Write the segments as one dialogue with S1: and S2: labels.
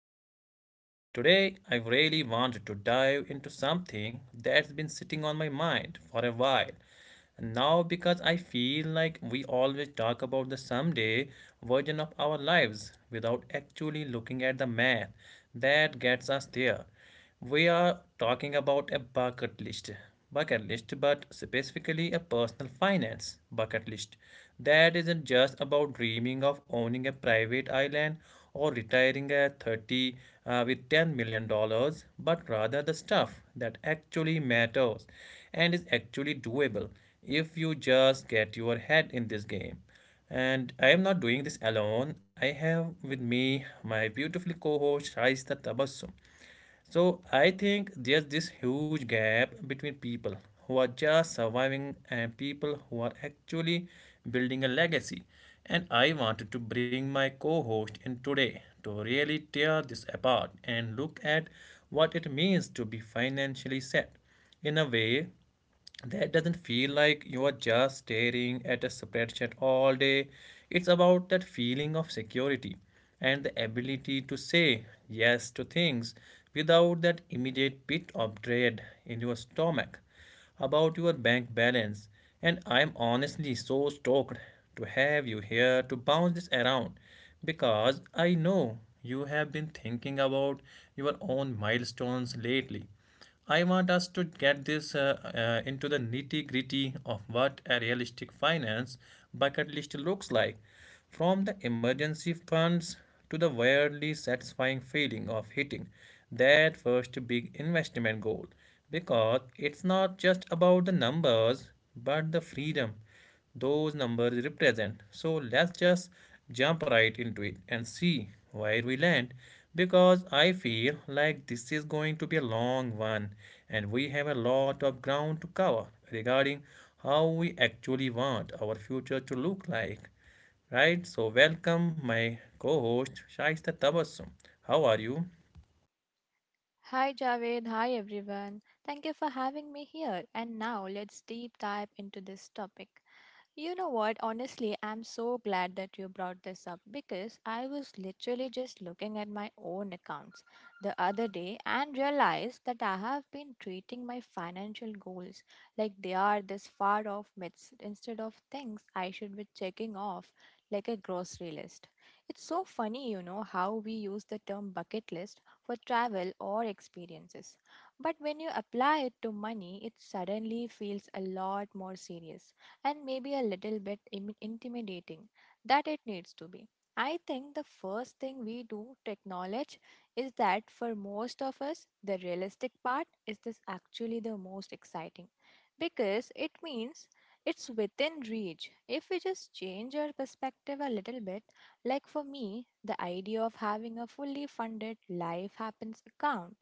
S1: the show. Today, I really wanted to dive into something that's been sitting on my mind for a while. Now, because I feel like we always talk about the someday version of our lives without actually looking at the math that gets us there. We are talking about a bucket list, but specifically a personal finance bucket list. That isn't just about dreaming of owning a private island or retiring at 30 with 10 million dollars, but rather the stuff that actually matters and is actually doable if you just get your head in this game. And I am not doing this alone. I have with me my beautiful co-host Shaista Tabassum. So I think there's this huge gap between people who are just surviving and people who are actually building a legacy. And I wanted to bring my co host in today to really tear this apart and look at what it means to be financially set in a way that doesn't feel like you are just staring at a spreadsheet all day. It's about that feeling of security and the ability to say yes to things without that immediate pit of dread in your stomach about your bank balance. And I'm honestly so stoked to have you here to bounce this around because I know you have been thinking about your own milestones lately. I want us to get this into the nitty gritty of what a realistic finance bucket list looks like, from the emergency funds to the weirdly satisfying feeling of hitting that first big investment goal. Because it's not just about the numbers, but the freedom those numbers represent. So let's just jump right into it and see where we land, because I feel like this is going to be a long one and we have a lot of ground to cover regarding how we actually want our future to look like. Right, so welcome my co-host Shaista Tabassum. How are you?
S2: Hi Javed, hi everyone. Thank you for having me here. And now let's deep dive into this topic. You know what? Honestly, I'm so glad that you brought this up because I was literally just looking at my own accounts the other day and realized that I have been treating my financial goals like they are this far off myths instead of things I should be checking off like a grocery list. It's so funny, you know, how we use the term bucket list for travel or experiences. But when you apply it to money, it suddenly feels a lot more serious and maybe a little bit intimidating that it needs to be. I think the first thing we do to acknowledge is that for most of us, the realistic part is this actually the most exciting because it means it's within reach. If we just change our perspective a little bit, like for me, the idea of having a fully funded life happens account,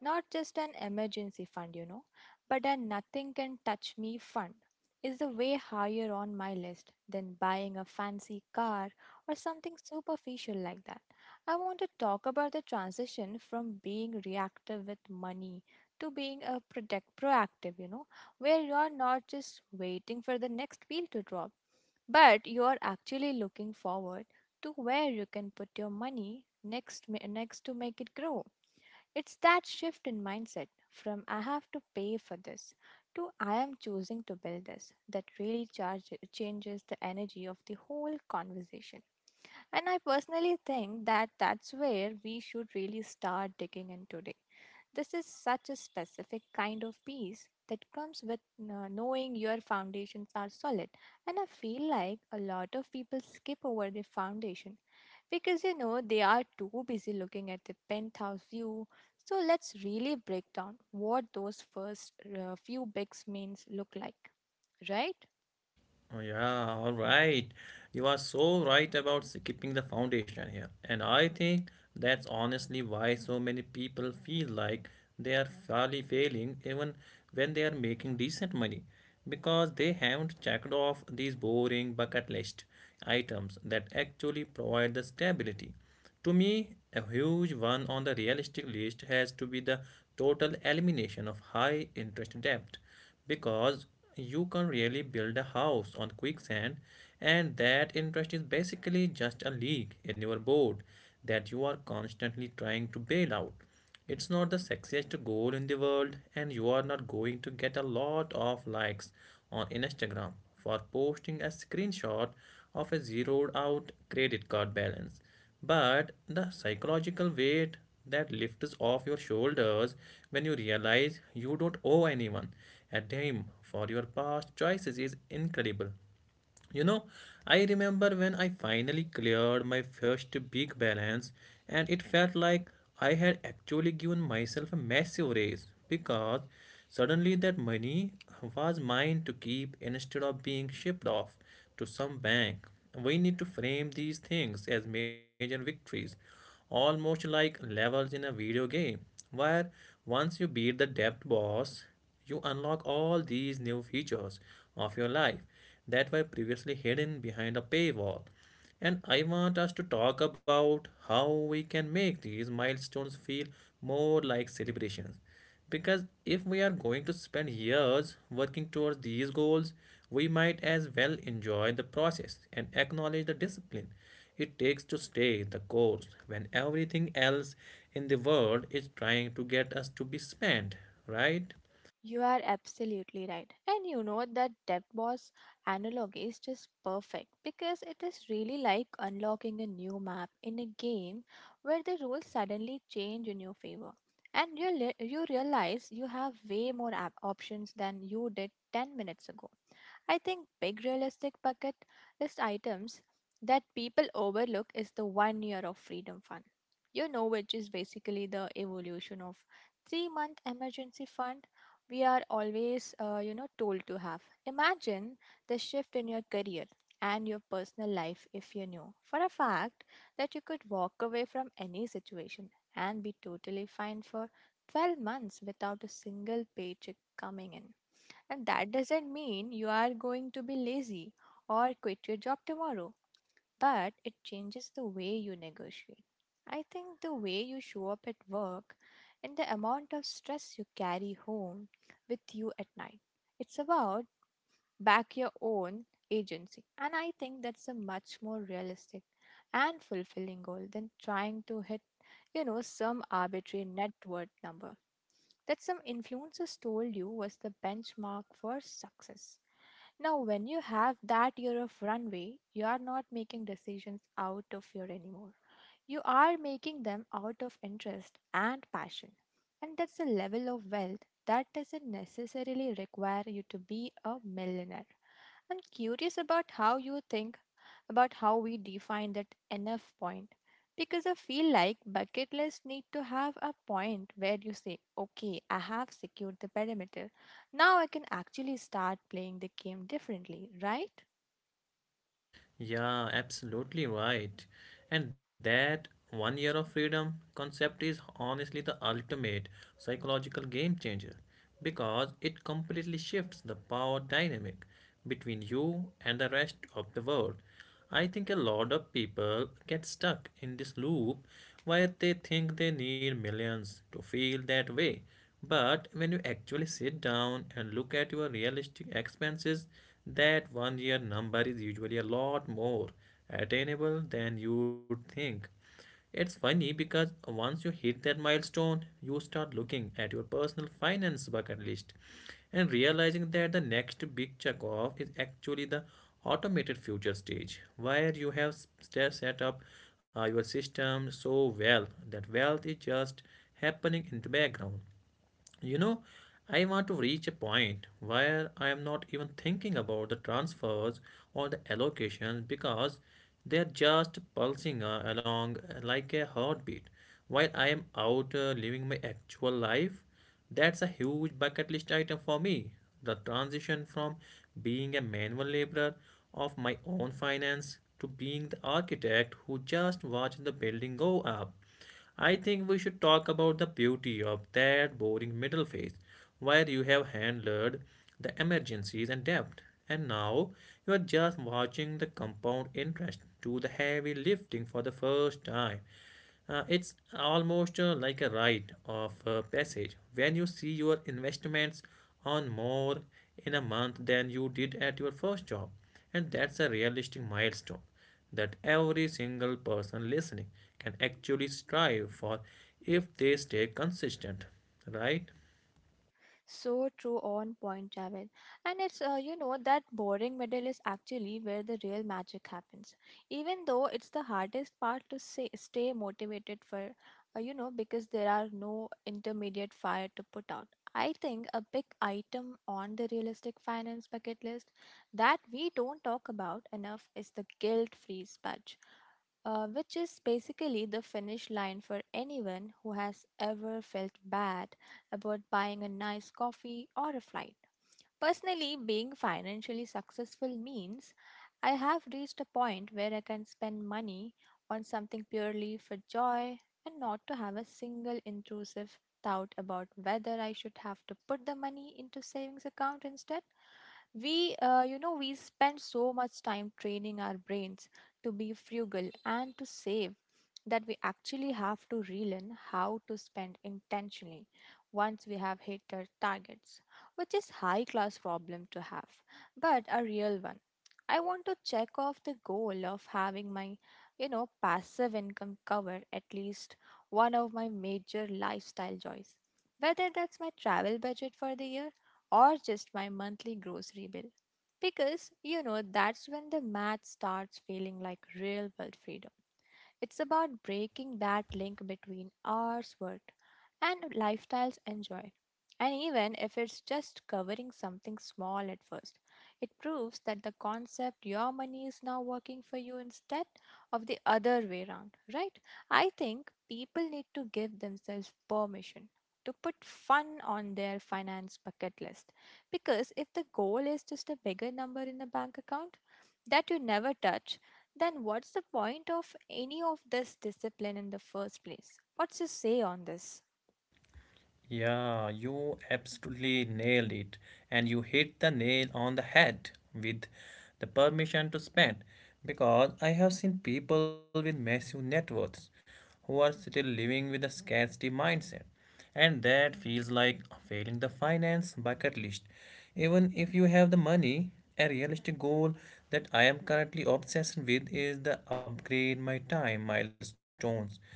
S2: not just an emergency fund, you know, but a nothing can touch me fund is the way higher on my list than buying a fancy car or something superficial like that. I want to talk about the transition from being reactive with money to being a protect proactive, you know, where you are not just waiting for the next wheel to drop but you are actually looking forward to where you can put your money next to make it grow. It's that shift in mindset from I have to pay for this to I am choosing to build this that really changes the energy of the whole conversation. And I personally think that that's where we should really start digging in today. This is such a specific kind of peace that comes with knowing your foundations are solid. And I feel like a lot of people skip over their foundation because you know they are too busy looking at the penthouse view. So let's really break down what those first few bigs means look like, right?
S1: Oh, yeah, all right. You are so right about skipping the foundation here. And I think that's honestly why so many people feel like they are fairly failing even when they are making decent money, because they haven't checked off these boring bucket list items that actually provide the stability. To me, a huge one on the realistic list has to be the total elimination of high interest debt, because you can really build a house on quicksand, and that interest is basically just a leak in your boat that you are constantly trying to bail out. It's not the sexiest goal in the world, and you are not going to get a lot of likes on Instagram for posting a screenshot of a zeroed out credit card balance. But the psychological weight that lifts off your shoulders when you realize you don't owe anyone a dime for your past choices is incredible. You know, I remember when I finally cleared my first big balance, and it felt like I had actually given myself a massive raise, because suddenly that money was mine to keep instead of being shipped off to some bank. We need to frame these things as major victories, almost like levels in a video game, where once you beat the depth boss, you unlock all these new features of your life that were previously hidden behind a paywall. And I want us to talk about how we can make these milestones feel more like celebrations. Because if we are going to spend years working towards these goals, we might as well enjoy the process and acknowledge the discipline it takes to stay the course when everything else in the world is trying to get us to be spent, right?
S2: You are absolutely right. And you know that debt boss analogy is just perfect because it is really like unlocking a new map in a game where the rules suddenly change in your favor. And you realize you have way more options than you did 10 minutes ago. I think big realistic bucket list items that people overlook is the 1 year of freedom fund. You know, which is basically the evolution of 3 month emergency fund we are always, told to have. Imagine the shift in your career and your personal life if you knew for a fact that you could walk away from any situation and be totally fine for 12 months without a single paycheck coming in. And that doesn't mean you are going to be lazy or quit your job tomorrow but it changes the way you negotiate. I think the way you show up at work and the amount of stress you carry home with you at night. It's about back your own agency. And I think that's a much more realistic and fulfilling goal than trying to hit, you know, some arbitrary net worth number that some influencers told you was the benchmark for success. Now, when you have that year of runway, you are not making decisions out of fear anymore. You are making them out of interest and passion. And that's a level of wealth that doesn't necessarily require you to be a millionaire. I'm curious about how you think about how we define that enough point. Because I feel like bucket lists need to have a point where you say, okay, I have secured the perimeter. Now I can actually start playing the game differently, right?
S1: Yeah, absolutely right. And that one year of freedom concept is honestly the ultimate psychological game changer, because it completely shifts the power dynamic between you and the rest of the world. I think a lot of people get stuck in this loop where they think they need millions to feel that way. But when you actually sit down and look at your realistic expenses, that one year number is usually a lot more attainable than you'd think. It's funny because once you hit that milestone, you start looking at your personal finance bucket list and realizing that the next big check off is actually the automated future stage, where you have set up your system so well that wealth is just happening in the background. You know, I want to reach a point where I am not even thinking about the transfers or the allocations, because they are just pulsing along like a heartbeat while I am out living my actual life. That's a huge bucket list item for me. The transition from being a manual laborer of my own finance to being the architect who just watched the building go up. I think we should talk about the beauty of that boring middle phase where you have handled the emergencies and debt, and now you are just watching the compound interest do the heavy lifting for the first time. It's almost like a rite of passage when you see your investments earn more in a month than you did at your first job, and that's a realistic milestone that every single person listening can actually strive for if they stay consistent, right?
S2: So true on point, Javed. And it's, that boring middle is actually where the real magic happens. Even though it's the hardest part to stay motivated for, because there are no intermediate fire to put out. I think a big item on the realistic finance bucket list that we don't talk about enough is the guilt free which is basically the finish line for anyone who has ever felt bad about buying a nice coffee or a flight. Personally, being financially successful means I have reached a point where I can spend money on something purely for joy and not to have a single intrusive doubt about whether I should have to put the money into savings account instead. We spend so much time training our brains to be frugal and to save that we actually have to relearn how to spend intentionally once we have hit our targets, which is high class problem to have, but a real one. I want to check off the goal of having my passive income cover at least one of my major lifestyle joys. Whether that's my travel budget for the year or just my monthly grocery bill. Because, you know, that's when the math starts feeling like real world freedom. It's about breaking that link between hours worked and lifestyles enjoyed. And even if it's just covering something small at first, it proves that the concept your money is now working for you instead of the other way around, right? I think people need to give themselves permission to put fun on their finance bucket list because if the goal is just a bigger number in the bank account, that you never touch, then what's the point of any of this discipline in the first place? What's your say on this?
S1: Yeah, you absolutely nailed it. And you hit the nail on the head with the permission to spend. Because I have seen people with massive net worths who are still living with a scarcity mindset. And that feels like failing the finance bucket list. Even if you have the money, a realistic goal that I am currently obsessed with is the upgrade my time milestones,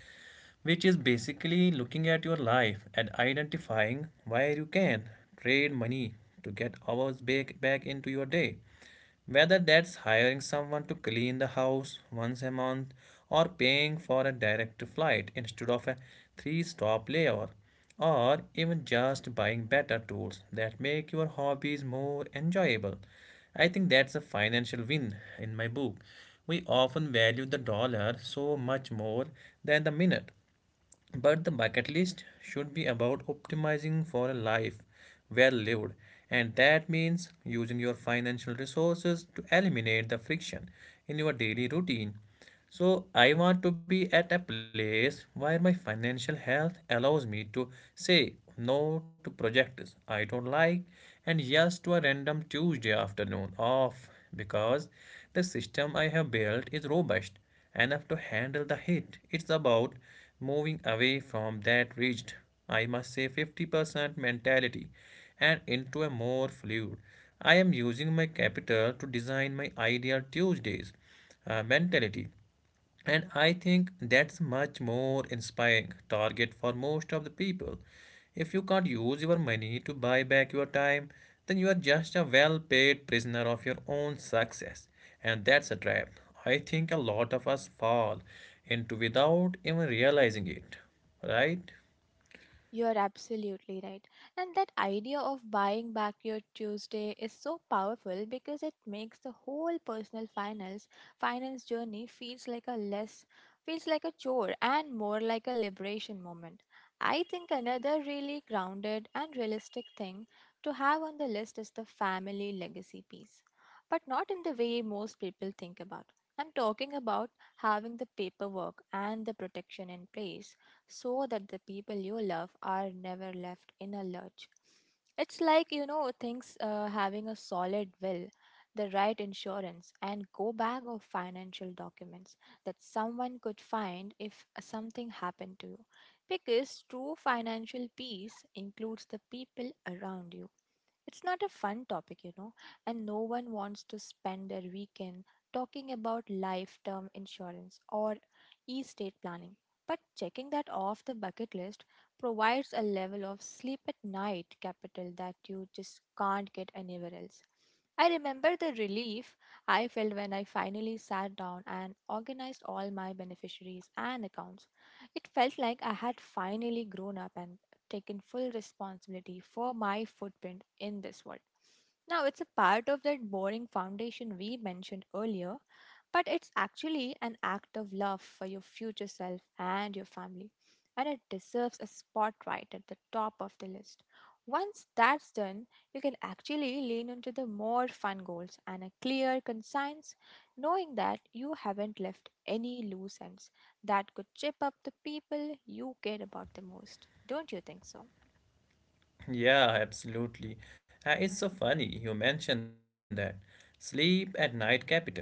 S1: which is basically looking at your life and identifying where you can trade money to get hours back into your day. Whether that's hiring someone to clean the house once a month, or paying for a direct flight instead of a three stop layover, or even just buying better tools that make your hobbies more enjoyable. I think that's a financial win in my book. We often value the dollar so much more than the minute. But the bucket list should be about optimizing for a life well lived, and that means using your financial resources to eliminate the friction in your daily routine. So, I want to be at a place where my financial health allows me to say no to projects I don't like and yes to a random Tuesday afternoon off, because the system I have built is robust enough to handle the hit. It's about moving away from that rigid, I must say 50% mentality, and into a more fluid, I am using my capital to design my ideal Tuesdays mentality. And I think that's much more inspiring target for most of the people. If you can't use your money to buy back your time, then you are just a well-paid prisoner of your own success. And that's a trap I think a lot of us fall into without even realizing it. Right?
S2: You're absolutely right. And that idea of buying back your Tuesday is so powerful because it makes the whole personal finance finance journey feels like a chore and more like a liberation moment. I think another really grounded and realistic thing to have on the list is the family legacy piece. But not in the way most people think about. I'm talking about having the paperwork and the protection in place so that the people you love are never left in a lurch. It's like, you know, things having a solid will, the right insurance, and go bag of financial documents that someone could find if something happened to you. Because true financial peace includes the people around you it's not a fun topic, you know, and no one wants to spend their weekend talking about life term insurance or estate planning. But checking that off the bucket list provides a level of sleep at night capital that you just can't get anywhere else. I remember the relief I felt when I finally sat down and organized all my beneficiaries and accounts. It felt like I had finally grown up and taken full responsibility for my footprint in this world. Now, it's a part of that boring foundation we mentioned earlier, but it's actually an act of love for your future self and your family, and it deserves a spotlight at the top of the list. Once that's done, you can actually lean into the more fun goals and a clear, concise knowing that you haven't left any loose ends that could chip up the people you care about the most. Don't you think so?
S1: Yeah, absolutely. It's so funny you mentioned that. Sleep at night capital.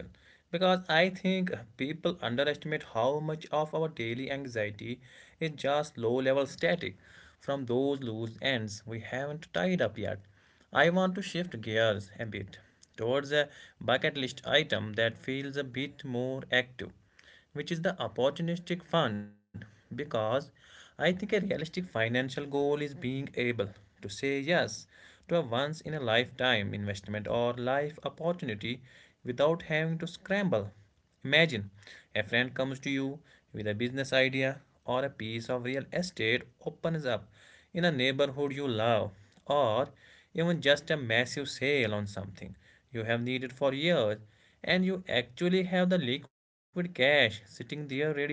S1: Because I think people underestimate how much of our daily anxiety is just low level static from those loose ends we haven't tied up yet. I want to shift gears a bit towards a bucket list item that feels a bit more active, which is the opportunistic fund, because I think a realistic financial goal is being able to say yes to a once in a lifetime investment or life opportunity without having to scramble. Imagine a friend comes to you with a business idea, or a piece of real estate opens up in a neighborhood you love, or even just a massive sale on something you have needed for years, and you actually have the liquid cash sitting there ready to go.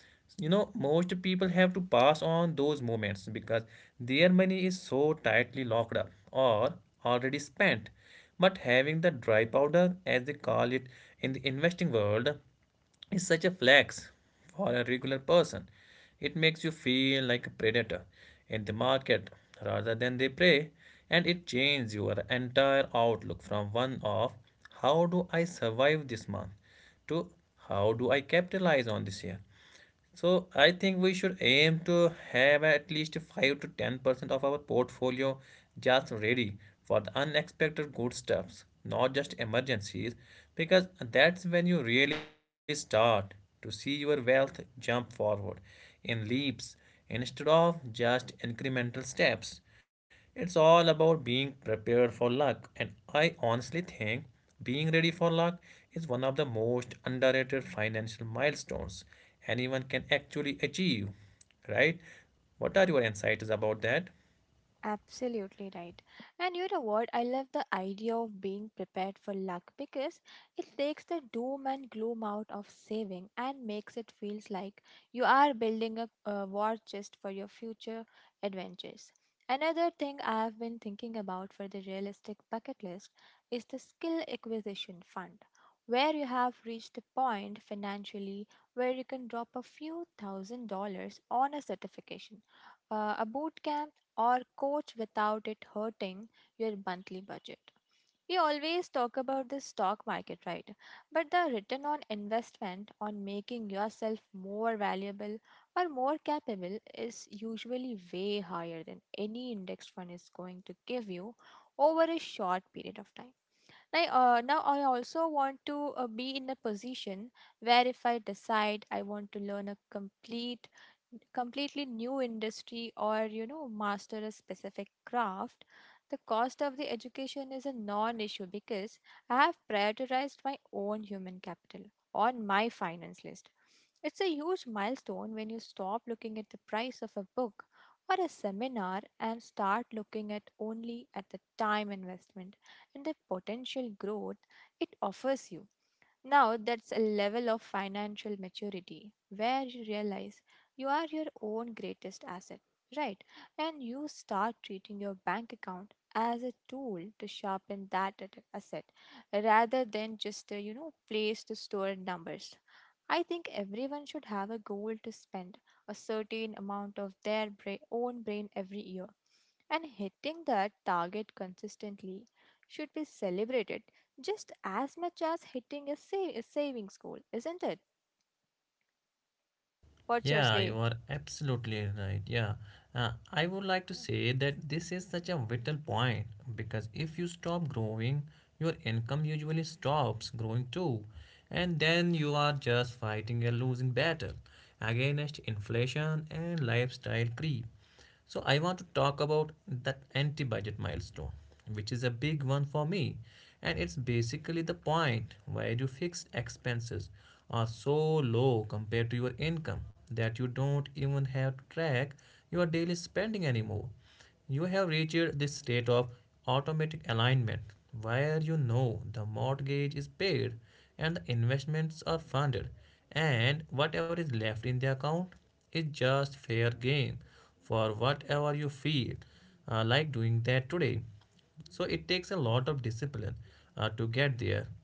S1: You know, most people have to pass on those moments because their money is so tightly locked up or already spent. But having the dry powder, as they call it in the investing world, is such a flex for a regular person. It makes you feel like a predator in the market rather than they prey, and it changes your entire outlook from one of how do I survive this month to how do I capitalize on this year. So I think we should aim to have at least 5 to 10% of our portfolio just ready for the unexpected good stuffs, not just emergencies, because that's when you really start to see your wealth jump forward in leaps instead of just incremental steps. It's all about being prepared for luck, and I honestly think being ready for luck is one of the most underrated financial milestones anyone can actually achieve, right? What are your insights about that?
S2: Absolutely right. And you know what? I love the idea of being prepared for luck because it takes the doom and gloom out of saving and makes it feels like you are building a war chest for your future adventures. Another thing I have been thinking about for the realistic bucket list is the skill acquisition fund, where you have reached a point financially where you can drop a few thousand dollars on a certification a bootcamp or coach without it hurting your monthly budget. We always talk about the stock market, right? But the return on investment on making yourself more valuable or more capable is usually way higher than any index fund is going to give you over a short period of time. Like now, I also want to be in a position where if I decide I want to learn a completely new industry or you know master a specific craft, the cost of the education is a non-issue because I have prioritized my own human capital on my finance list. It's a huge milestone when you stop looking at the price of a book or a seminar and start looking at only at the time investment and the potential growth it offers you. Now, that's a level of financial maturity where you realize you are your own greatest asset, right? And you start treating your bank account as a tool to sharpen that asset rather than just a, you know, place to store numbers. I think everyone should have a goal to spend a certain amount of their own brain every year, and hitting that target consistently should be celebrated just as much as hitting a savings goal, isn't it? What's your
S1: Yeah, you
S2: say?
S1: are absolutely right. Yeah. I would like to say that this is such a vital point because if you stop growing, your income usually stops growing too. And then you are just fighting a losing battle against inflation and lifestyle creep. So I want to talk about that anti-budget milestone, which is a big one for me, and it's basically the point where your fixed expenses are so low compared to your income that you don't even have to track your daily spending anymore. You have reached this state of automatic alignment where you know the mortgage is paid and the investments are funded, and whatever is left in the account is just fair game for whatever you feel like doing that today. So it takes a lot of discipline to get there.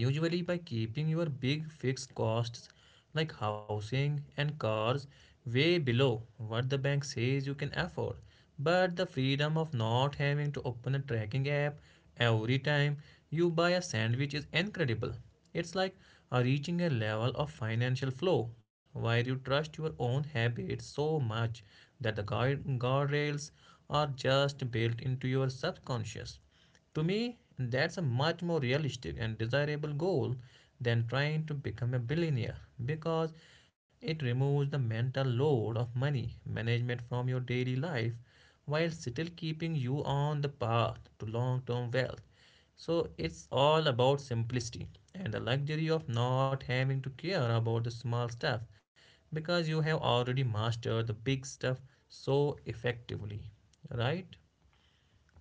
S1: Usually by keeping your big fixed costs like housing and cars way below what the bank says you can afford. But the freedom of not having to open a tracking app every time you buy a sandwich is incredible. It's like reaching a level of financial flow where you trust your own habits so much that the guide guardrails are just built into your subconscious. To me, that's a much more realistic and desirable goal than trying to become a billionaire, because it removes the mental load of money management from your daily life while still keeping you on the path to long term wealth. So it's all about simplicity and the luxury of not having to care about the small stuff because you have already mastered the big stuff so effectively, right?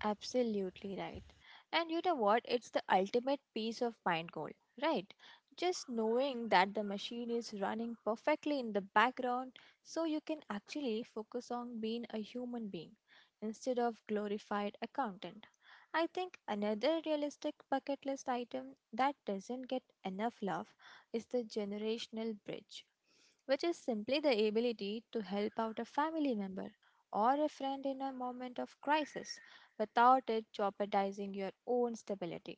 S2: Absolutely right. And you know what? It's the ultimate peace of mind goal, right? Just knowing that the machine is running perfectly in the background so you can actually focus on being a human being instead of glorified accountant. I think another realistic bucket list item that doesn't get enough love is the generational bridge, which is simply the ability to help out a family member or a friend in a moment of crisis without it jeopardizing your own stability.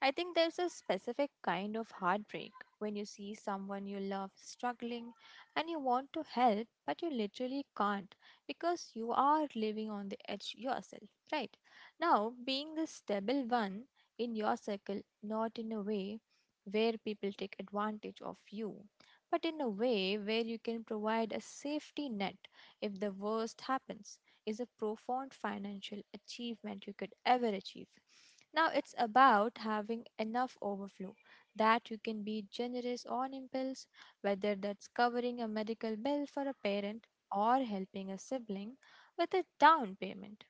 S2: I think there's a specific kind of heartbreak when you see someone you love struggling and you want to help, but you literally can't because you are living on the edge yourself, right? Now, being the stable one in your circle, not in a way where people take advantage of you, but in a way where you can provide a safety net if the worst happens, is a profound financial achievement you could ever achieve. Now, it's about having enough overflow that you can be generous on impulse, whether that's covering a medical bill for a parent or helping a sibling with a down payment,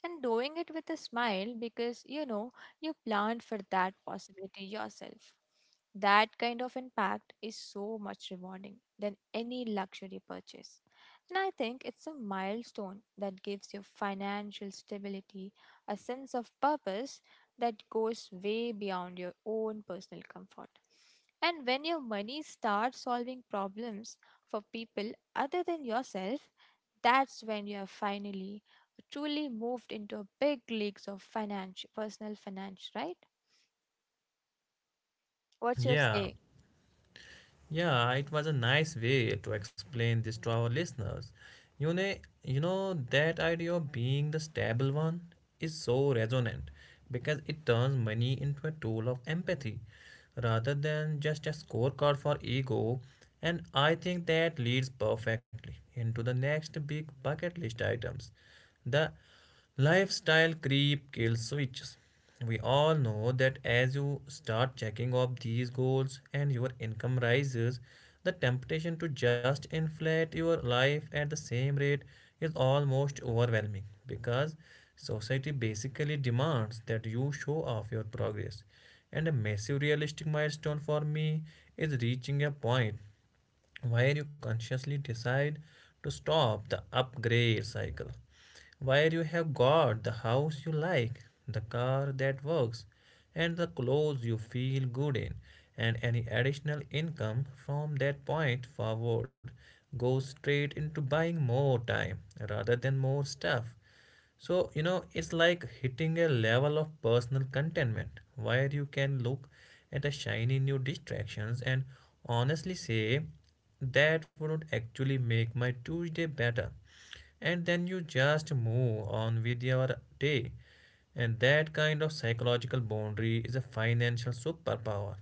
S2: and doing it with a smile because you know you planned for that possibility yourself. That kind of impact is so much rewarding than any luxury purchase. And I think it's a milestone that gives you financial stability, a sense of purpose that goes way beyond your own personal comfort. And when your money starts solving problems for people other than yourself, that's when you have finally truly moved into a big leagues of financial personal finance, right? What's your
S1: Yeah.
S2: say?
S1: Yeah, it was a nice way to explain this to our listeners. You know, that idea of being the stable one is so resonant because it turns money into a tool of empathy rather than just a scorecard for ego. And I think that leads perfectly into the next big bucket list items, the lifestyle creep kills switches. We all know that as you start checking off these goals and your income rises, the temptation to just inflate your life at the same rate is almost overwhelming because society basically demands that you show off your progress. And a massive realistic milestone for me is reaching a point where you consciously decide to stop the upgrade cycle, where you have got the house you like, the car that works, and the clothes you feel good in, and any additional income from that point forward goes straight into buying more time rather than more stuff. So, you know, it's like hitting a level of personal contentment where you can look at a shiny new distractions and honestly say, that would actually make my Tuesday better. And then you just move on with your day. And that kind of psychological boundary is a financial superpower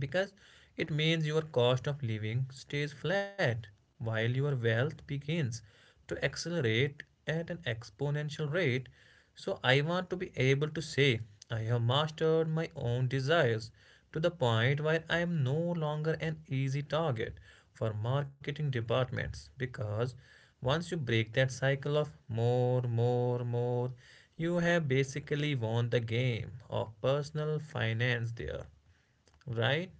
S1: because it means your cost of living stays flat while your wealth begins to accelerate at an exponential rate. So, I want to be able to say, I have mastered my own desires to the point where I am no longer an easy target for marketing departments, because once you break that cycle of more, more, more, you have basically won the game of personal finance there, right?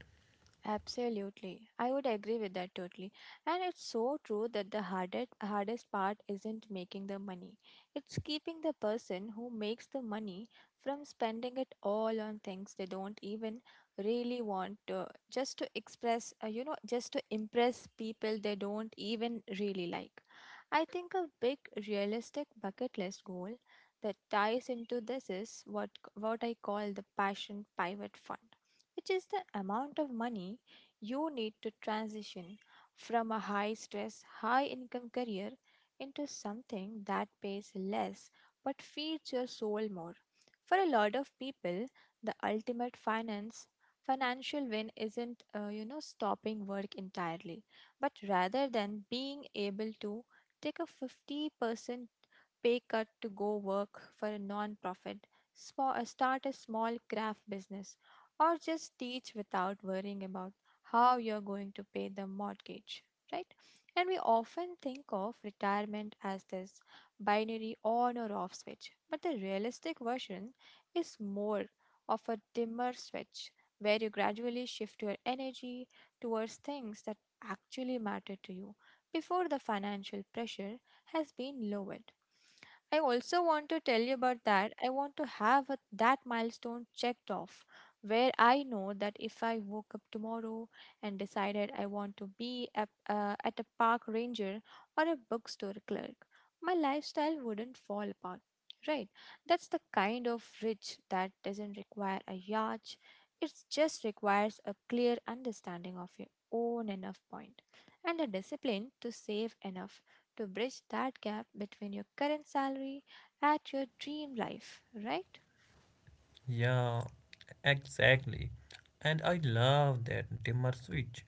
S2: Absolutely. I would agree with that totally. And it's so true that the hardest part isn't making the money. It's keeping the person who makes the money from spending it all on things they don't even really want to, just to express, you know, just to impress people they don't even really like. I think a big realistic bucket list goal that ties into this is what I call the passion pivot fund, which is the amount of money you need to transition from a high stress, high income career into something that pays less but feeds your soul more. For a lot of people, the ultimate finance financial win isn't you know, stopping work entirely, but rather than being able to take a 50% pay cut to go work for a non-profit, start a small craft business or just teach without worrying about how you're going to pay the mortgage, right? And we often think of retirement as this binary on or off switch, but the realistic version is more of a dimmer switch, where you gradually shift your energy towards things that actually matter to you before the financial pressure has been lowered. I also want to tell you about that. I want to have that milestone checked off where I know that if I woke up tomorrow and decided I want to be at a park ranger or a bookstore clerk, my lifestyle wouldn't fall apart. Right? That's the kind of rich that doesn't require a yacht. It just requires a clear understanding of your own enough point and a discipline to save enough to bridge that gap between your current salary and your dream life, right?
S1: Yeah, exactly. And I love that dimmer switch,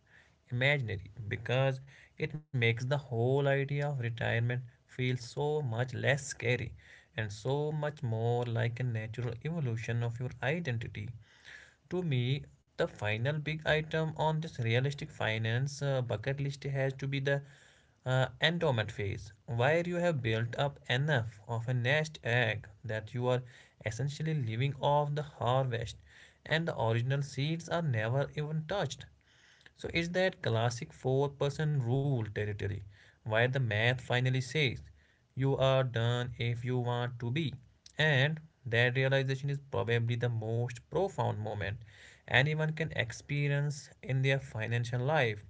S1: imaginary, because it makes the whole idea of retirement feel so much less scary and so much more like a natural evolution of your identity. To me, the final big item on this realistic finance bucket list has to be the endowment phase, where you have built up enough of a nest egg that you are essentially living off the harvest and the original seeds are never even touched. So it's that classic four-person rule territory where the math finally says you are done if you want to be. And that realization is probably the most profound moment anyone can experience in their financial life.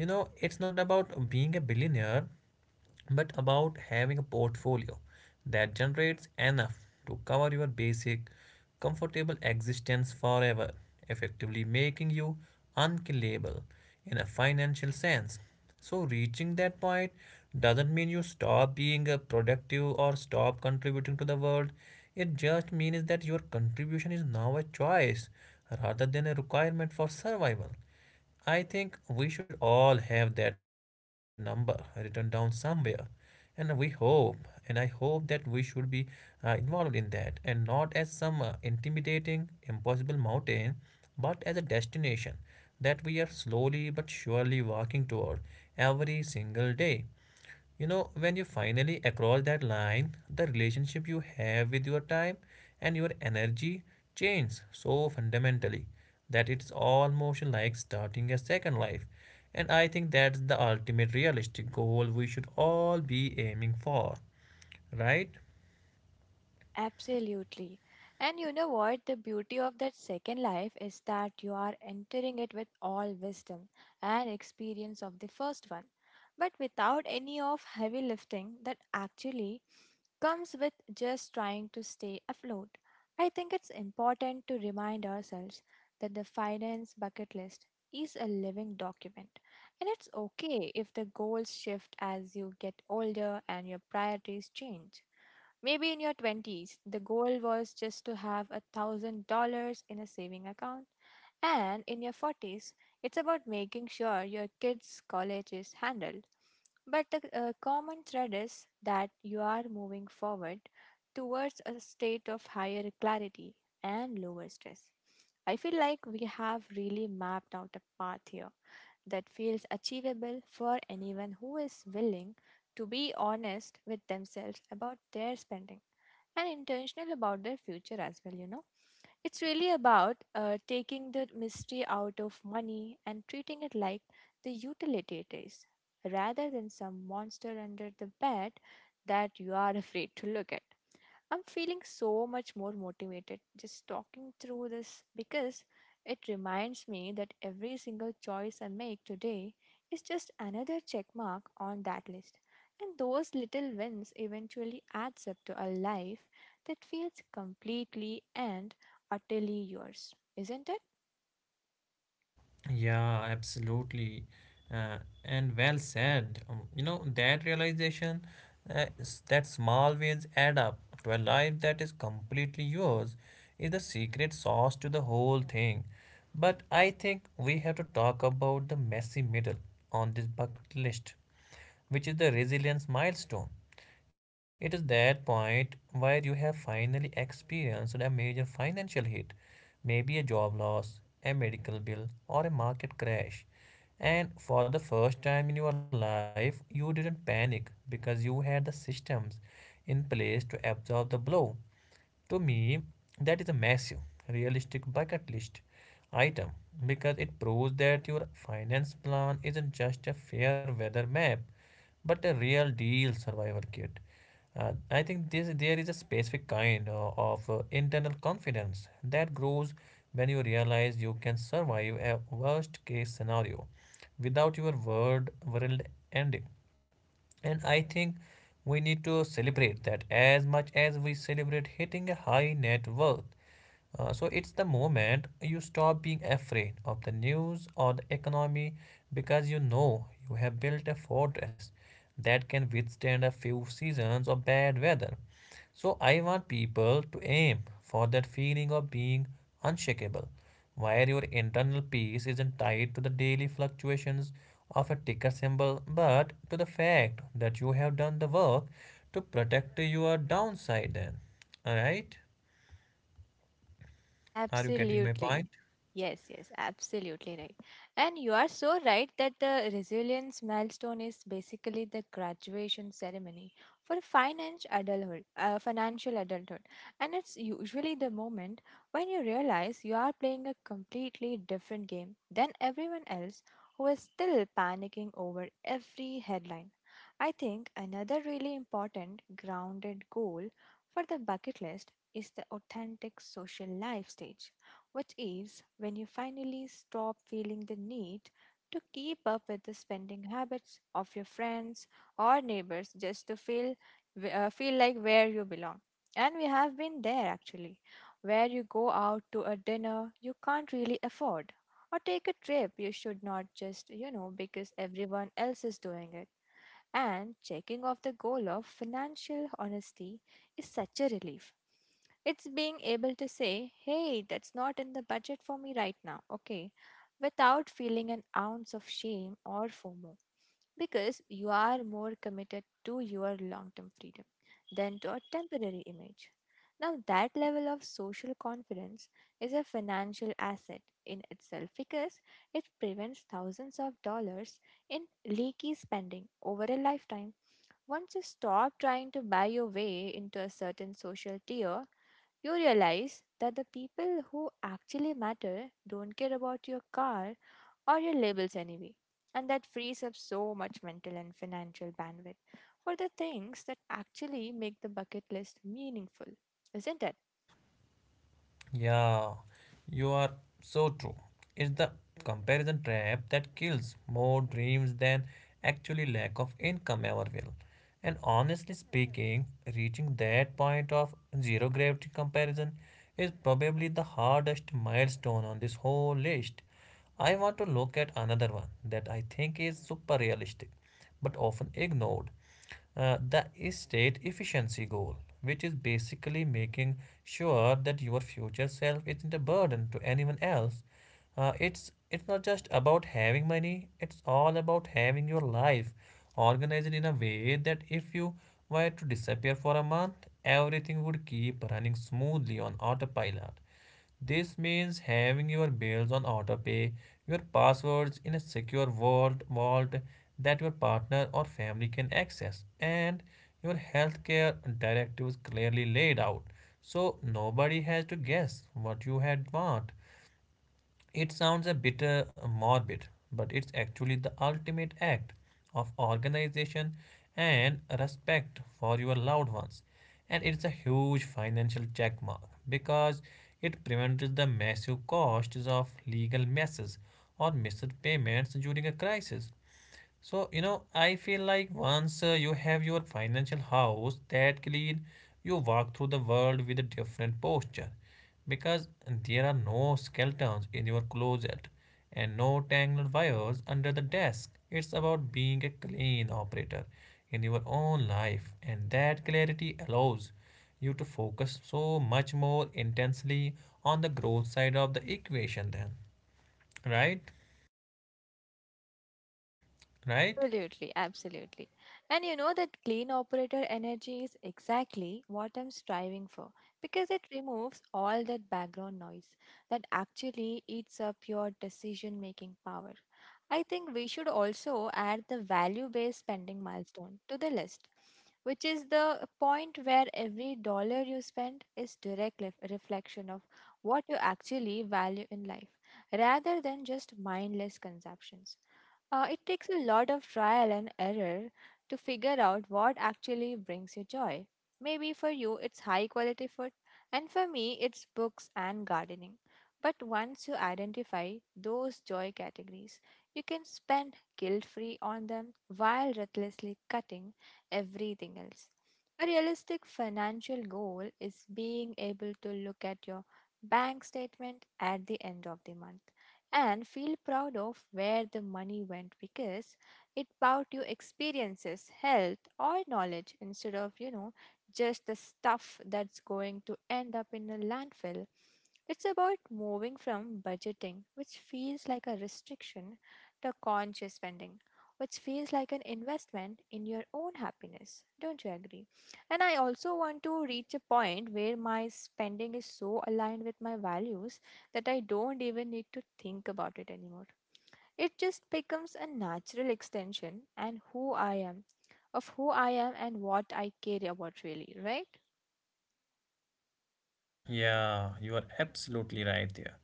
S1: You know, it's not about being a billionaire, but about having a portfolio that generates enough to cover your basic, comfortable existence forever, effectively making you unkillable in a financial sense. So, reaching that point doesn't mean you stop being productive or stop contributing to the world. It just means that your contribution is now a choice rather than a requirement for survival. I think we should all have that number written down somewhere. And we hope, and I hope that we should be involved in that, and not as some intimidating, impossible mountain, but as a destination that we are slowly but surely walking toward every single day. You know, when you finally across that line, the relationship you have with your time and your energy changes so fundamentally that it's almost like starting a second life. And I think that's the ultimate realistic goal we should all be aiming for, right?
S2: Absolutely. And you know what? The beauty of that second life is that you are entering it with all wisdom and experience of the first one, but without any of heavy lifting that actually comes with just trying to stay afloat. I think it's important to remind ourselves that the finance bucket list is a living document, and it's okay if the goals shift as you get older and your priorities change. Maybe in your 20s, the goal was just to have $1,000 in a saving account, and in your 40s, it's about making sure your kids' college is handled. But the common thread is that you are moving forward towards a state of higher clarity and lower stress. I feel like we have really mapped out a path here that feels achievable for anyone who is willing to be honest with themselves about their spending and intentional about their future as well, you know. It's really about taking the mystery out of money and treating it like the utility it is, rather than some monster under the bed that you are afraid to look at. I'm feeling so much more motivated just talking through this because it reminds me that every single choice I make today is just another check mark on that list. And those little wins eventually adds up to a life that feels completely and utterly yours, isn't it?
S1: Yeah, absolutely. And well said. You know, that realization that small wins add up to a life that is completely yours is the secret sauce to the whole thing. But I think we have to talk about the messy middle on this bucket list, which is the resilience milestone. It is that point where you have finally experienced a major financial hit, maybe a job loss, a medical bill, or a market crash. And for the first time in your life, you didn't panic because you had the systems in place to absorb the blow. To me, that is a massive, realistic bucket list item because it proves that your finance plan isn't just a fair weather map but a real deal survival kit. I think this there is a specific kind of internal confidence that grows when you realize you can survive a worst case scenario without your world ending. And I think we need to celebrate that as much as we celebrate hitting a high net worth. So it's the moment you stop being afraid of the news or the economy because you know you have built a fortress that can withstand a few seasons of bad weather. So I want people to aim for that feeling of being unshakable, where your internal peace isn't tied to the daily fluctuations of a ticker symbol, but to the fact that you have done the work to protect your downside. Then, all right? Are you getting my
S2: Absolutely.
S1: point?
S2: Yes, yes, absolutely right. And you are so right that the resilience milestone is basically the graduation ceremony for financial adulthood. And it's usually the moment when you realize you are playing a completely different game than everyone else who is still panicking over every headline. I think another really important grounded goal for the bucket list is the authentic social life stage, which is when you finally stop feeling the need to keep up with the spending habits of your friends or neighbors just to feel, like where you belong. And we have been there actually, where you go out to a dinner you can't really afford or take a trip you should not, just, you know, because everyone else is doing it. And checking off the goal of financial honesty is such a relief. It's being able to say, hey, that's not in the budget for me right now, okay, without feeling an ounce of shame or FOMO, because you are more committed to your long term freedom than to a temporary image. Now, that level of social confidence is a financial asset in itself, because it prevents thousands of dollars in leaky spending over a lifetime. Once you stop trying to buy your way into a certain social tier, you realize that the people who actually matter don't care about your car or your labels anyway. And that frees up so much mental and financial bandwidth for the things that actually make the bucket list meaningful, isn't it?
S1: Yeah, you are so true. It's the comparison trap that kills more dreams than actually lack of income ever will. And honestly speaking, reaching that point of zero gravity comparison is probably the hardest milestone on this whole list. I want to look at another one that I think is super realistic but often ignored, the estate efficiency goal, which is basically making sure that your future self isn't a burden to anyone else. It's not just about having money; it's all about having your life organized in a way that if you were to disappear for a month, everything would keep running smoothly on autopilot. This means having your bills on autopay, your passwords in a secure vault that your partner or family can access, and your healthcare directives clearly laid out, so nobody has to guess what you had want. It sounds a bit morbid, but it's actually the ultimate act of organization and respect for your loved ones. And it's a huge financial checkmark because it prevents the massive costs of legal messes or missed payments during a crisis. So, you know, I feel like once you have your financial house that clean, you walk through the world with a different posture because there are no skeletons in your closet and no tangled wires under the desk. It's about being a clean operator in your own life, and that clarity allows you to focus so much more intensely on the growth side of the equation, then, right? Right?
S2: Absolutely, absolutely. And you know that clean operator energy is exactly what I'm striving for, because it removes all that background noise that actually eats up your decision making power. I think we should also add the value based spending milestone to the list, which is the point where every dollar you spend is reflection of what you actually value in life rather than just mindless consumptions. It takes a lot of trial and error to figure out what actually brings you joy. Maybe for you it's high quality food, and for me it's books and gardening. But once you identify those joy categories, you can spend guilt free on them while recklessly cutting everything else. A realistic financial goal is being able to look at your bank statement at the end of the month and feel proud of where the money went because it bought you experiences, health, or knowledge instead of, you know, just the stuff that's going to end up in a landfill. It's about moving from budgeting, which feels like a restriction, to conscious spending, which feels like an investment in your own happiness. Don't you agree? And I also want to reach a point where my spending is so aligned with my values that I don't even need to think about it anymore. It just becomes a natural extension and who I am, of who I am and what I care about, really, right?
S1: Yeah, you are absolutely right there.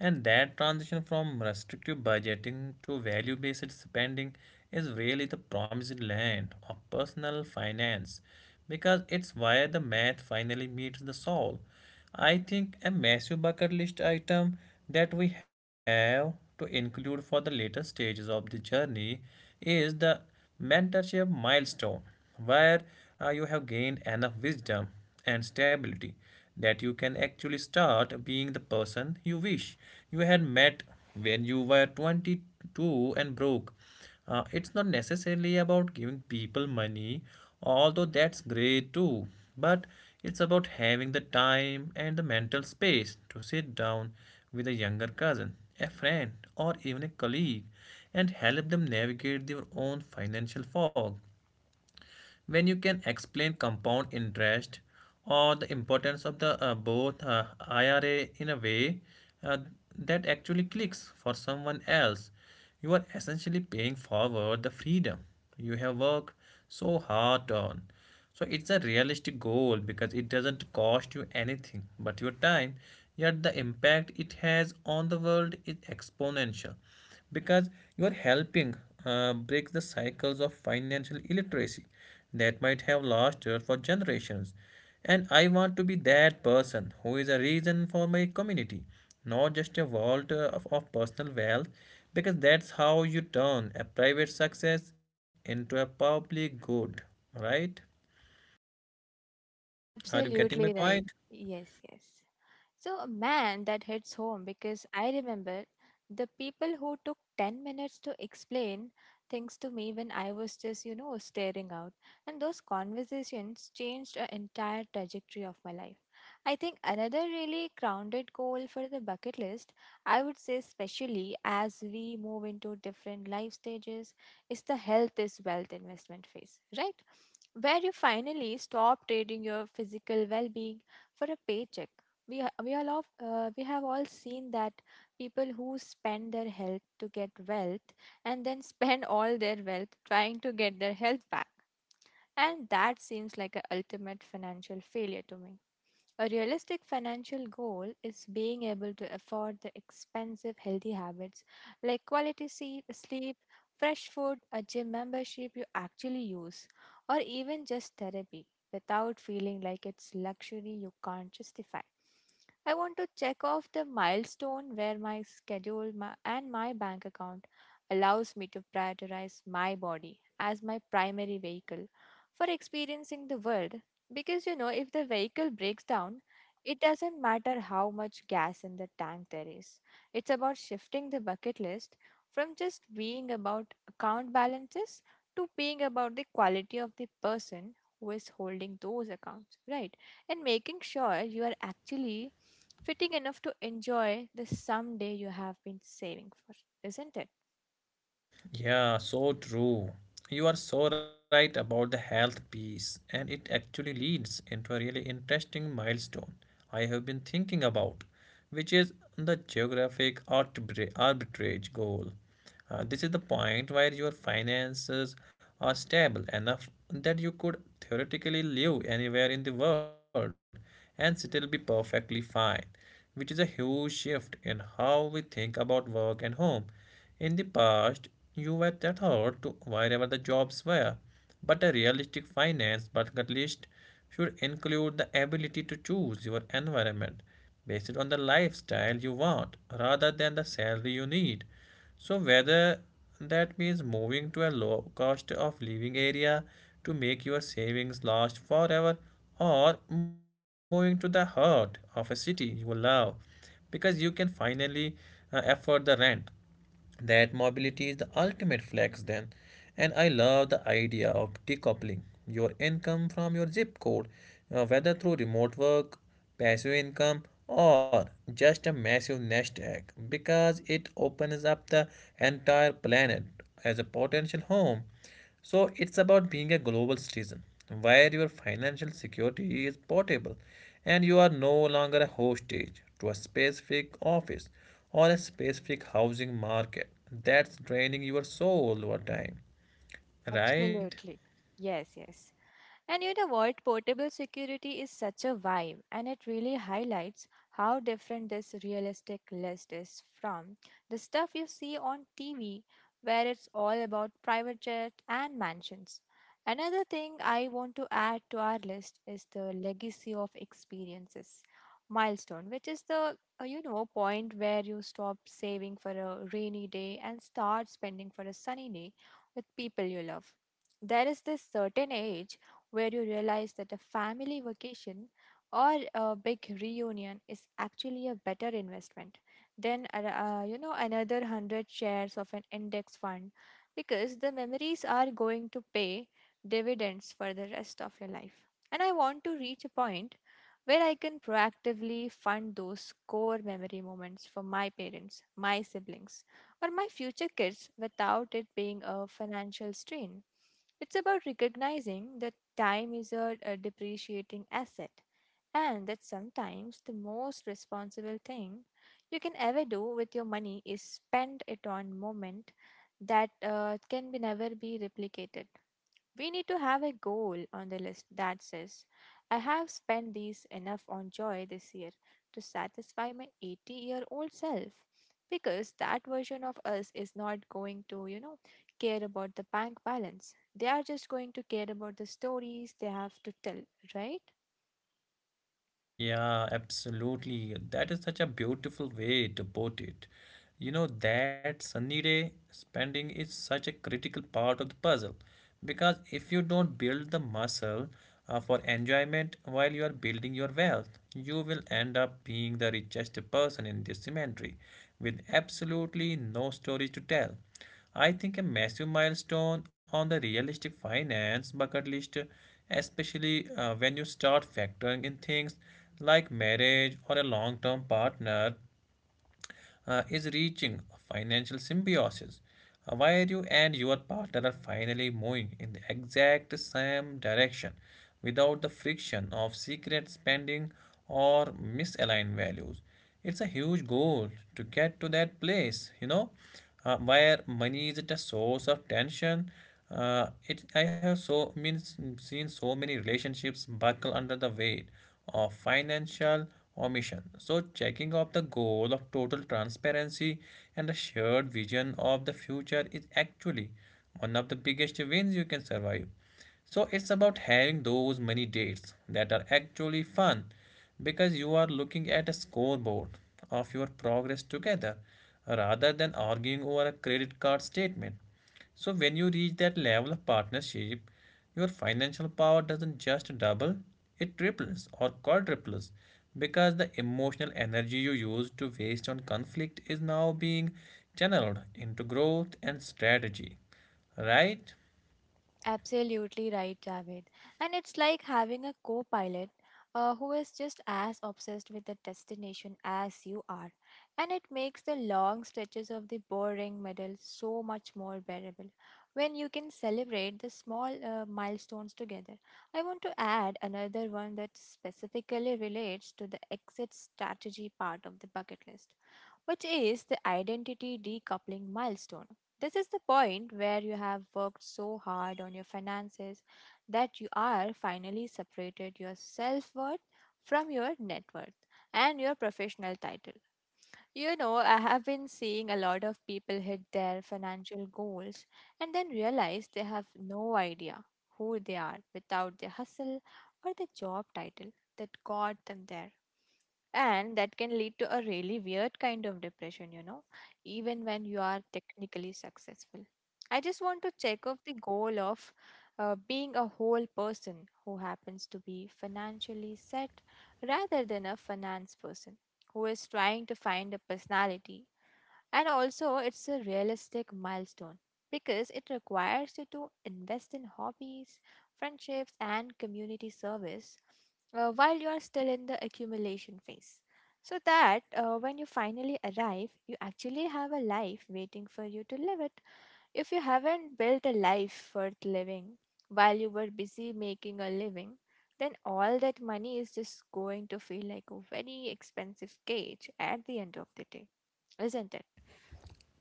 S1: And that transition from restrictive budgeting to value based spending is really the promised land of personal finance because it's where the math finally meets the soul. I think a massive bucket list item that we have to include for the later stages of the journey is the mentorship milestone, where you have gained enough wisdom and stability that you can actually start being the person you wish you had met when you were 22 and broke. It's not necessarily about giving people money, although that's great too, but it's about having the time and the mental space to sit down with a younger cousin, a friend, or even a colleague and help them navigate their own financial fog when you can explain compound interest or the importance of the both IRA in a way uh, that actually clicks for someone else. You are essentially paying forward the freedom you have worked so hard on. So it's a realistic goal because it doesn't cost you anything but your time, yet the impact it has on the world is exponential because you are helping break the cycles of financial illiteracy that might have lasted for generations. And I want to be that person who is a reason for my community, not just a vault of personal wealth, because that's how you turn a private success into a public good. Right? Are you getting my
S2: Absolutely right.
S1: point?
S2: Yes, yes. So, man, that hits home because I remember the people who took 10 minutes to explain things to me when I was just, you know, staring out. And those conversations changed an entire trajectory of my life. I think another really grounded goal for the bucket list, I would say, especially as we move into different life stages, is the health is wealth investment phase, right? Where you finally stop trading your physical well being for a paycheck. We ha- we all of, We have all seen that people who spend their health to get wealth and then spend all their wealth trying to get their health back, and that seems like a ultimate financial failure to me. A realistic financial goal is being able to afford the expensive healthy habits like quality sleep, fresh food, a gym membership you actually use, or even just therapy without feeling like it's luxury you can't justify. I want to check off the milestone where my schedule my, and my bank account allows me to prioritize my body as my primary vehicle for experiencing the world because, you know, if the vehicle breaks down, it doesn't matter how much gas in the tank there is. It's about shifting the bucket list from just being about account balances to being about the quality of the person who is holding those accounts, right? And making sure you are actually fitting enough to enjoy the someday you have been saving for, isn't it?
S1: Yeah, so true. You are so right about the health piece, and it actually leads into a really interesting milestone I have been thinking about, which is the arbitrage goal. This is the point where your finances are stable enough that you could theoretically live anywhere in the world and still be perfectly fine, which is a huge shift in how we think about work and home. In the past, you were tethered to wherever the jobs were, but a realistic finance bucket list should include the ability to choose your environment based on the lifestyle you want rather than the salary you need. So, whether that means moving to a low cost of living area to make your savings last forever, or moving to the heart of a city you love because you can finally afford the rent, that mobility is the ultimate flex then. And I love the idea of decoupling your income from your zip code, whether through remote work, passive income, or just a massive nest egg, because it opens up the entire planet as a potential home. So it's about being a global citizen where your financial security is portable and you are no longer a hostage to a specific office or a specific housing market that's draining your soul over time, right?
S2: Absolutely. Yes, yes. And you know what? Portable security is such a vibe, and it really highlights how different this realistic list is from the stuff you see on TV, where it's all about private jet and mansions. Another thing I want to add to our list is the legacy of experiences milestone, which is the point where you stop saving for a rainy day and start spending for a sunny day with people you love. There is this certain age where you realize that a family vacation or a big reunion is actually a better investment than another 100 shares of an index fund, because the memories are going to pay dividends for the rest of your life. And I want to reach a point where I can proactively fund those core memory moments for my parents, my siblings, or my future kids without it being a financial strain. It's about recognizing that time is a depreciating asset, and that sometimes the most responsible thing you can ever do with your money is spend it on moment that can be never be replicated. We need to have a goal on the list that says, I have spent these enough on joy this year to satisfy my 80-year-old year old self. Because that version of us is not going to, care about the bank balance. They are just going to care about the stories they have to tell, right?
S1: Yeah, absolutely. That is such a beautiful way to put it. You know, that sunny day spending is such a critical part of the puzzle because if you don't build the muscle for enjoyment while you are building your wealth, you will end up being the richest person in this cemetery with absolutely no stories to tell. I think a massive milestone on the realistic finance bucket list, especially when you start factoring in things like marriage or a long term partner, is reaching financial symbiosis, where you and your partner are finally moving in the exact same direction without the friction of secret spending or misaligned values. It's a huge goal to get to that place, you know, where money isn't a source of tension. It I have so means seen so many relationships buckle under the weight of financial omission. So, checking of the goal of total transparency and a shared vision of the future is actually one of the biggest wins you can survive. So, it's about having those many dates that are actually fun because you are looking at a scoreboard of your progress together rather than arguing over a credit card statement. So, when you reach that level of partnership, your financial power doesn't just double, it triples or quadruples because the emotional energy you used to waste on conflict is now being channeled into growth and strategy. Right?
S2: Absolutely right, Javed. And it's like having a co pilot who is just as obsessed with the destination as you are. And it makes the long stretches of the boring middle so much more bearable when you can celebrate the small milestones together. I want to add another one that specifically relates to the exit strategy part of the bucket list, which is the identity decoupling milestone. This is the point where you have worked so hard on your finances that you are finally separated your self worth from your net worth and your professional title. You know, I have been seeing a lot of people hit their financial goals and then realize they have no idea who they are without their hustle or the job title that got them there, and that can lead to a really weird kind of depression, you know, even when you are technically successful. I just want to check off the goal of being a whole person who happens to be financially set rather than a finance person who is trying to find a personality. And also, it's a realistic milestone because it requires you to invest in hobbies, friendships, and community service while you are still in the accumulation phase. So that when you finally arrive, you actually have a life waiting for you to live it. If you haven't built a life worth living while you were busy making a living, then all that money is just going to feel like a very expensive cage at the end of the day, isn't it?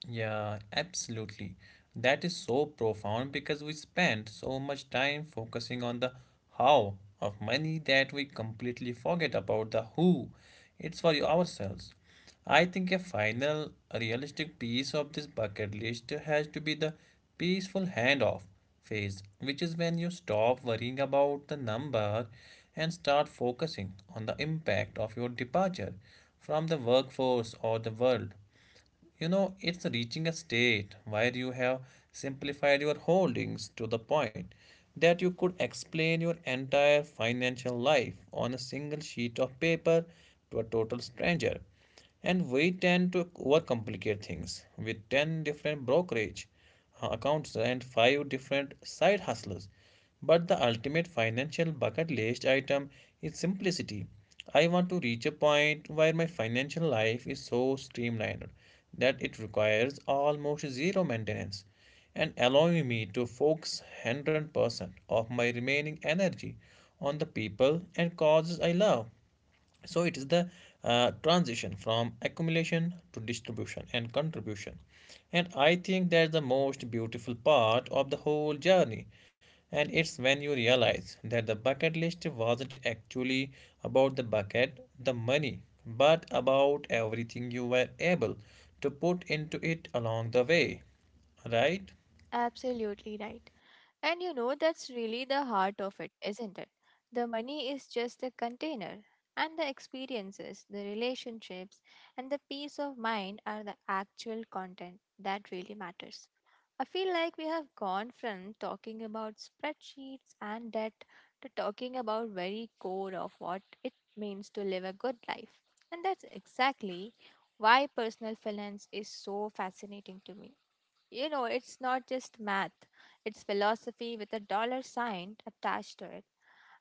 S1: Yeah, absolutely. That is so profound because we spend so much time focusing on the how of money that we completely forget about the who. It's for ourselves. I think a final realistic piece of this bucket list has to be the peaceful handoff phase, which is when you stop worrying about the number and start focusing on the impact of your departure from the workforce or the world. You know, it's reaching a state where you have simplified your holdings to the point that you could explain your entire financial life on a single sheet of paper to a total stranger. And we tend to overcomplicate things with 10 different brokerage accounts and five different side hustlers. But the ultimate financial bucket list item is simplicity. I want to reach a point where my financial life is so streamlined that it requires almost zero maintenance and allowing me to focus 100% of my remaining energy on the people and causes I love. So it is the transition from accumulation to distribution and contribution. And I think that's the most beautiful part of the whole journey, and it's when you realize that the bucket list wasn't actually about the bucket, the money, but about everything you were able to put into it along the way, right?
S2: Absolutely right. And you know, that's really the heart of it, isn't it? The money is just the container, and the experiences, the relationships, and the peace of mind are the actual content that really matters. I feel like we have gone from talking about spreadsheets and debt to talking about very core of what it means to live a good life. And that's exactly why personal finance is so fascinating to me. You know, it's not just math, it's philosophy with a dollar sign attached to it.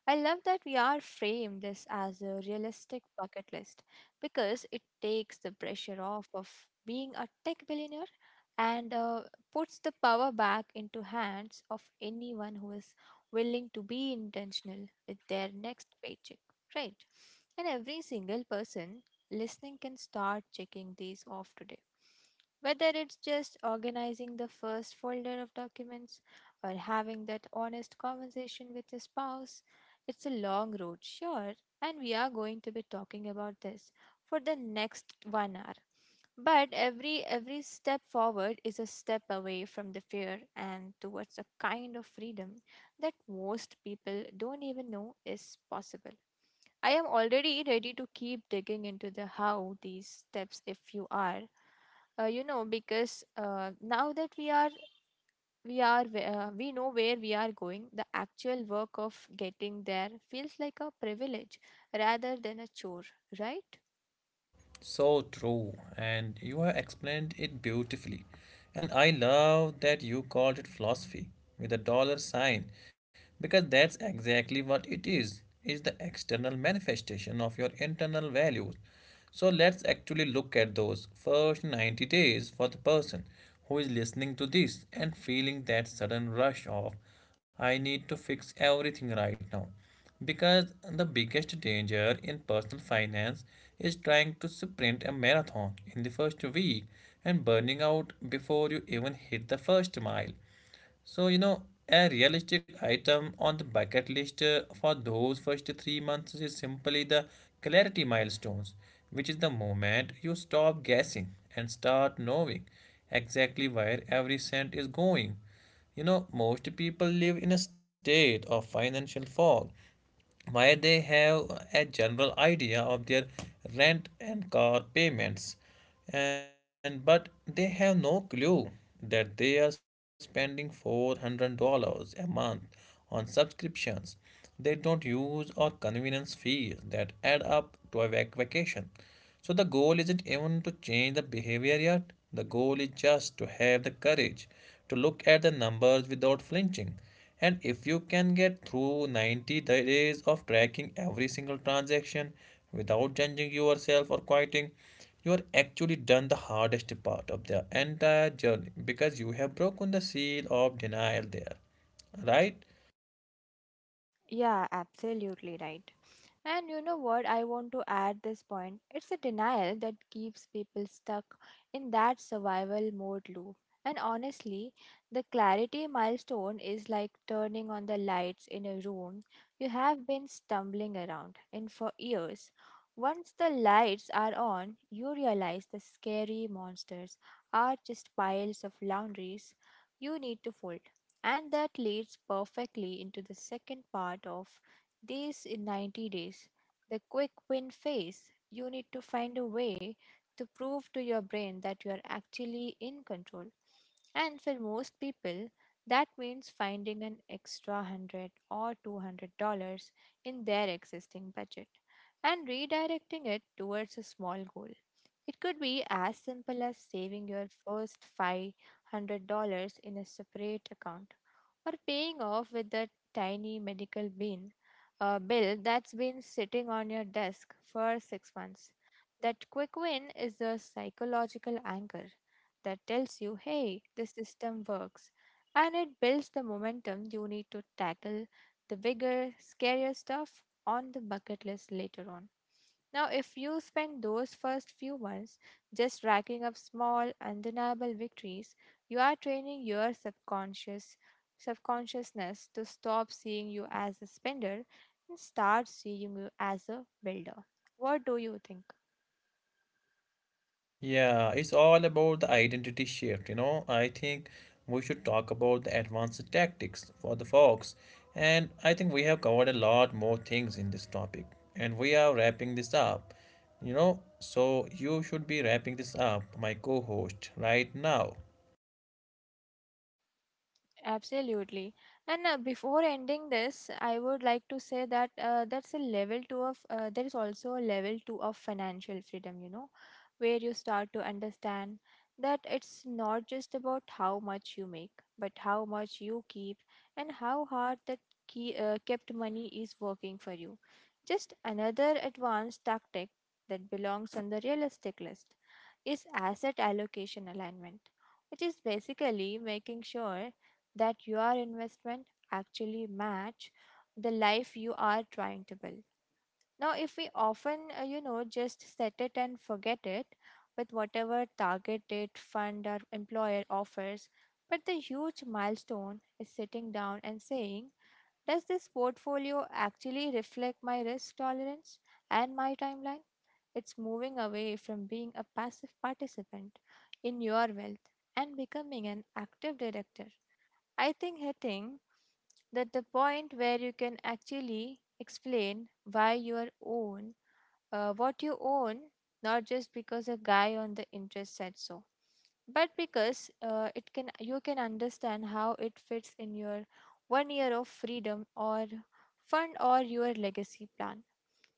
S2: I love that we are framed this as a realistic bucket list because it takes the pressure off of being a tech billionaire and puts the power back into hands of anyone who is willing to be intentional with their next paycheck, right? And every single person listening can start checking these off today. Whether it's just organizing the first folder of documents or having that honest conversation with your spouse, it's a long road, sure, and we are going to be talking about this for the next 1 hour. But every step forward is a step away from the fear and towards a kind of freedom that most people don't even know is possible. I am already ready to keep digging into the how these steps if you are. You know, because now that we know where we are going, the actual work of getting there feels like a privilege rather than a chore, right?
S1: So true, and you have explained it beautifully. And I love that you called it philosophy with a dollar sign because that's exactly what it is. It's the external manifestation of your internal values. So let's actually look at those first 90 days for the person who is listening to this and feeling that sudden rush of, I need to fix everything right now. Because the biggest danger in personal finance is trying to sprint a marathon in the first week and burning out before you even hit the first mile. So, you know, a realistic item on the bucket list for those first 3 months is simply the clarity milestones, which is the moment you stop guessing and start knowing exactly where every cent is going. You know, most people live in a state of financial fog why they have a general idea of their rent and car payments, and but they have no clue that they are spending $400 a month on subscriptions they don't use, or convenience fees that add up to a vacation. So the goal isn't even to change the behavior yet. The goal is just to have the courage to look at the numbers without flinching. And if you can get through 90 days of tracking every single transaction without judging yourself or quitting, you are actually done the hardest part of the entire journey because you have broken the seal of denial there. Right?
S2: Yeah, absolutely right. And you know what? I want to add this point. It's a denial that keeps people stuck in that survival mode loop. And honestly, the clarity milestone is like turning on the lights in a room you have been stumbling around in for years. Once the lights are on, you realize the scary monsters are just piles of laundries you need to fold. And that leads perfectly into the second part of these in 90 days, the quick win phase. You need to find a way to prove to your brain that you are actually in control. And for most people, that means finding an extra 100 or $200 in their existing budget and redirecting it towards a small goal. It could be as simple as saving your first $500 in a separate account or paying off with that tiny medical bill that's been sitting on your desk for 6 months. That quick win is the psychological anchor that tells you, hey, the system works, and it builds the momentum you need to tackle the bigger, scarier stuff on the bucket list later on. Now, if you spend those first few months just racking up small, undeniable victories, you are training your subconsciousness to stop seeing you as a spender and start seeing you as a builder. What do you think?
S1: Yeah, it's all about the identity shift, you know. I think we should talk about the advanced tactics for the fox. And I think we have covered a lot more things in this topic. And we are wrapping this up, you know. So you should be wrapping this up, my co host, right now.
S2: Absolutely. And before ending this, I would like to say that that's a level two of, there is also a level two of financial freedom, you know, where you start to understand that it's not just about how much you make, but how much you keep and how hard that kept money is working for you. Just another advanced tactic that belongs on the realistic list is asset allocation alignment, which is basically making sure that your investment actually match the life you are trying to build. Now, if we often, you know, just set it and forget it with whatever target date fund or employer offers. But the huge milestone is sitting down and saying, does this portfolio actually reflect my risk tolerance and my timeline? It's moving away from being a passive participant in your wealth and becoming an active director. I think hitting that the point where you can actually explain why you are own what you own, not just because a guy on the interest said so, but because it can you can understand how it fits in your 1 year of freedom or fund or your legacy plan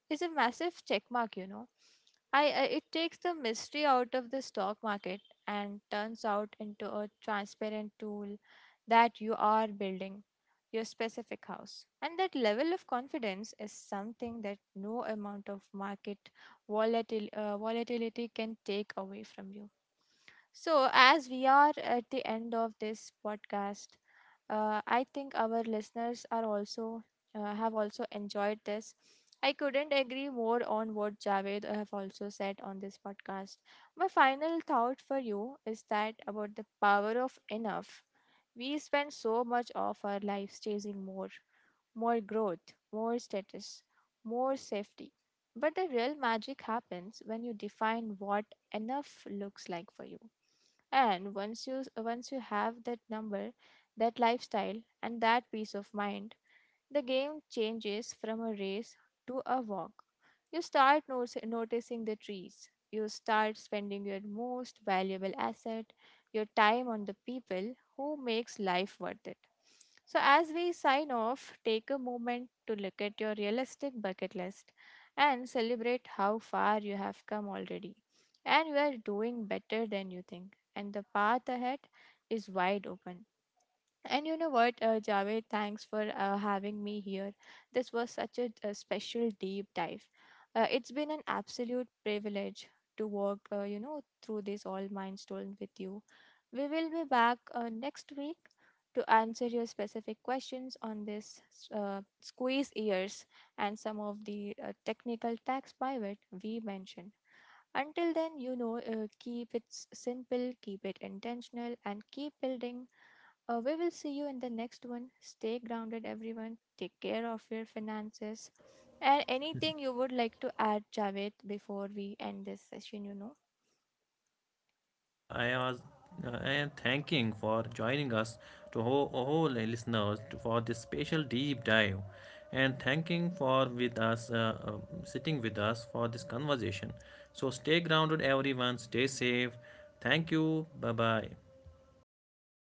S2: is a massive check mark, you know. I it takes the mystery out of the stock market and turns out into a transparent tool that you are building your specific house. And that level of confidence is something that no amount of market volatility can take away from you. So, as we are at the end of this podcast, I think our listeners are also have also enjoyed this. I couldn't agree more on what Javed have also said on this podcast. My final thought for you is that about the power of enough. We spend so much of our lives chasing more, more growth, more status, more safety. But the real magic happens when you define what enough looks like for you. And once you have that number, that lifestyle, and that peace of mind, the game changes from a race to a walk. You start noticing the trees. You start spending your most valuable asset, your time, on the people who makes life worth it. So as we sign off, take a moment to look at your realistic bucket list and celebrate how far you have come already. And you are doing better than you think. And the path ahead is wide open. And you know what, Javed, thanks for having me here. This was such a special deep dive. It's been an absolute privilege to walk, through this all milestone with you. We will be back next week to answer your specific questions on this squeeze ears and some of the technical tax pivot we mentioned. Until then, you know, keep it simple, keep it intentional, and keep building. We will see you in the next one. Stay grounded, everyone. Take care of your finances. And anything you would like to add, Javed, before we end this session, you know?
S1: Yeah, I was I am thanking for joining us to all listeners for this special deep dive and thanking for with us uh, sitting with us for this conversation. So stay grounded everyone, stay safe. Thank you. Bye-bye.
S2: Yeah.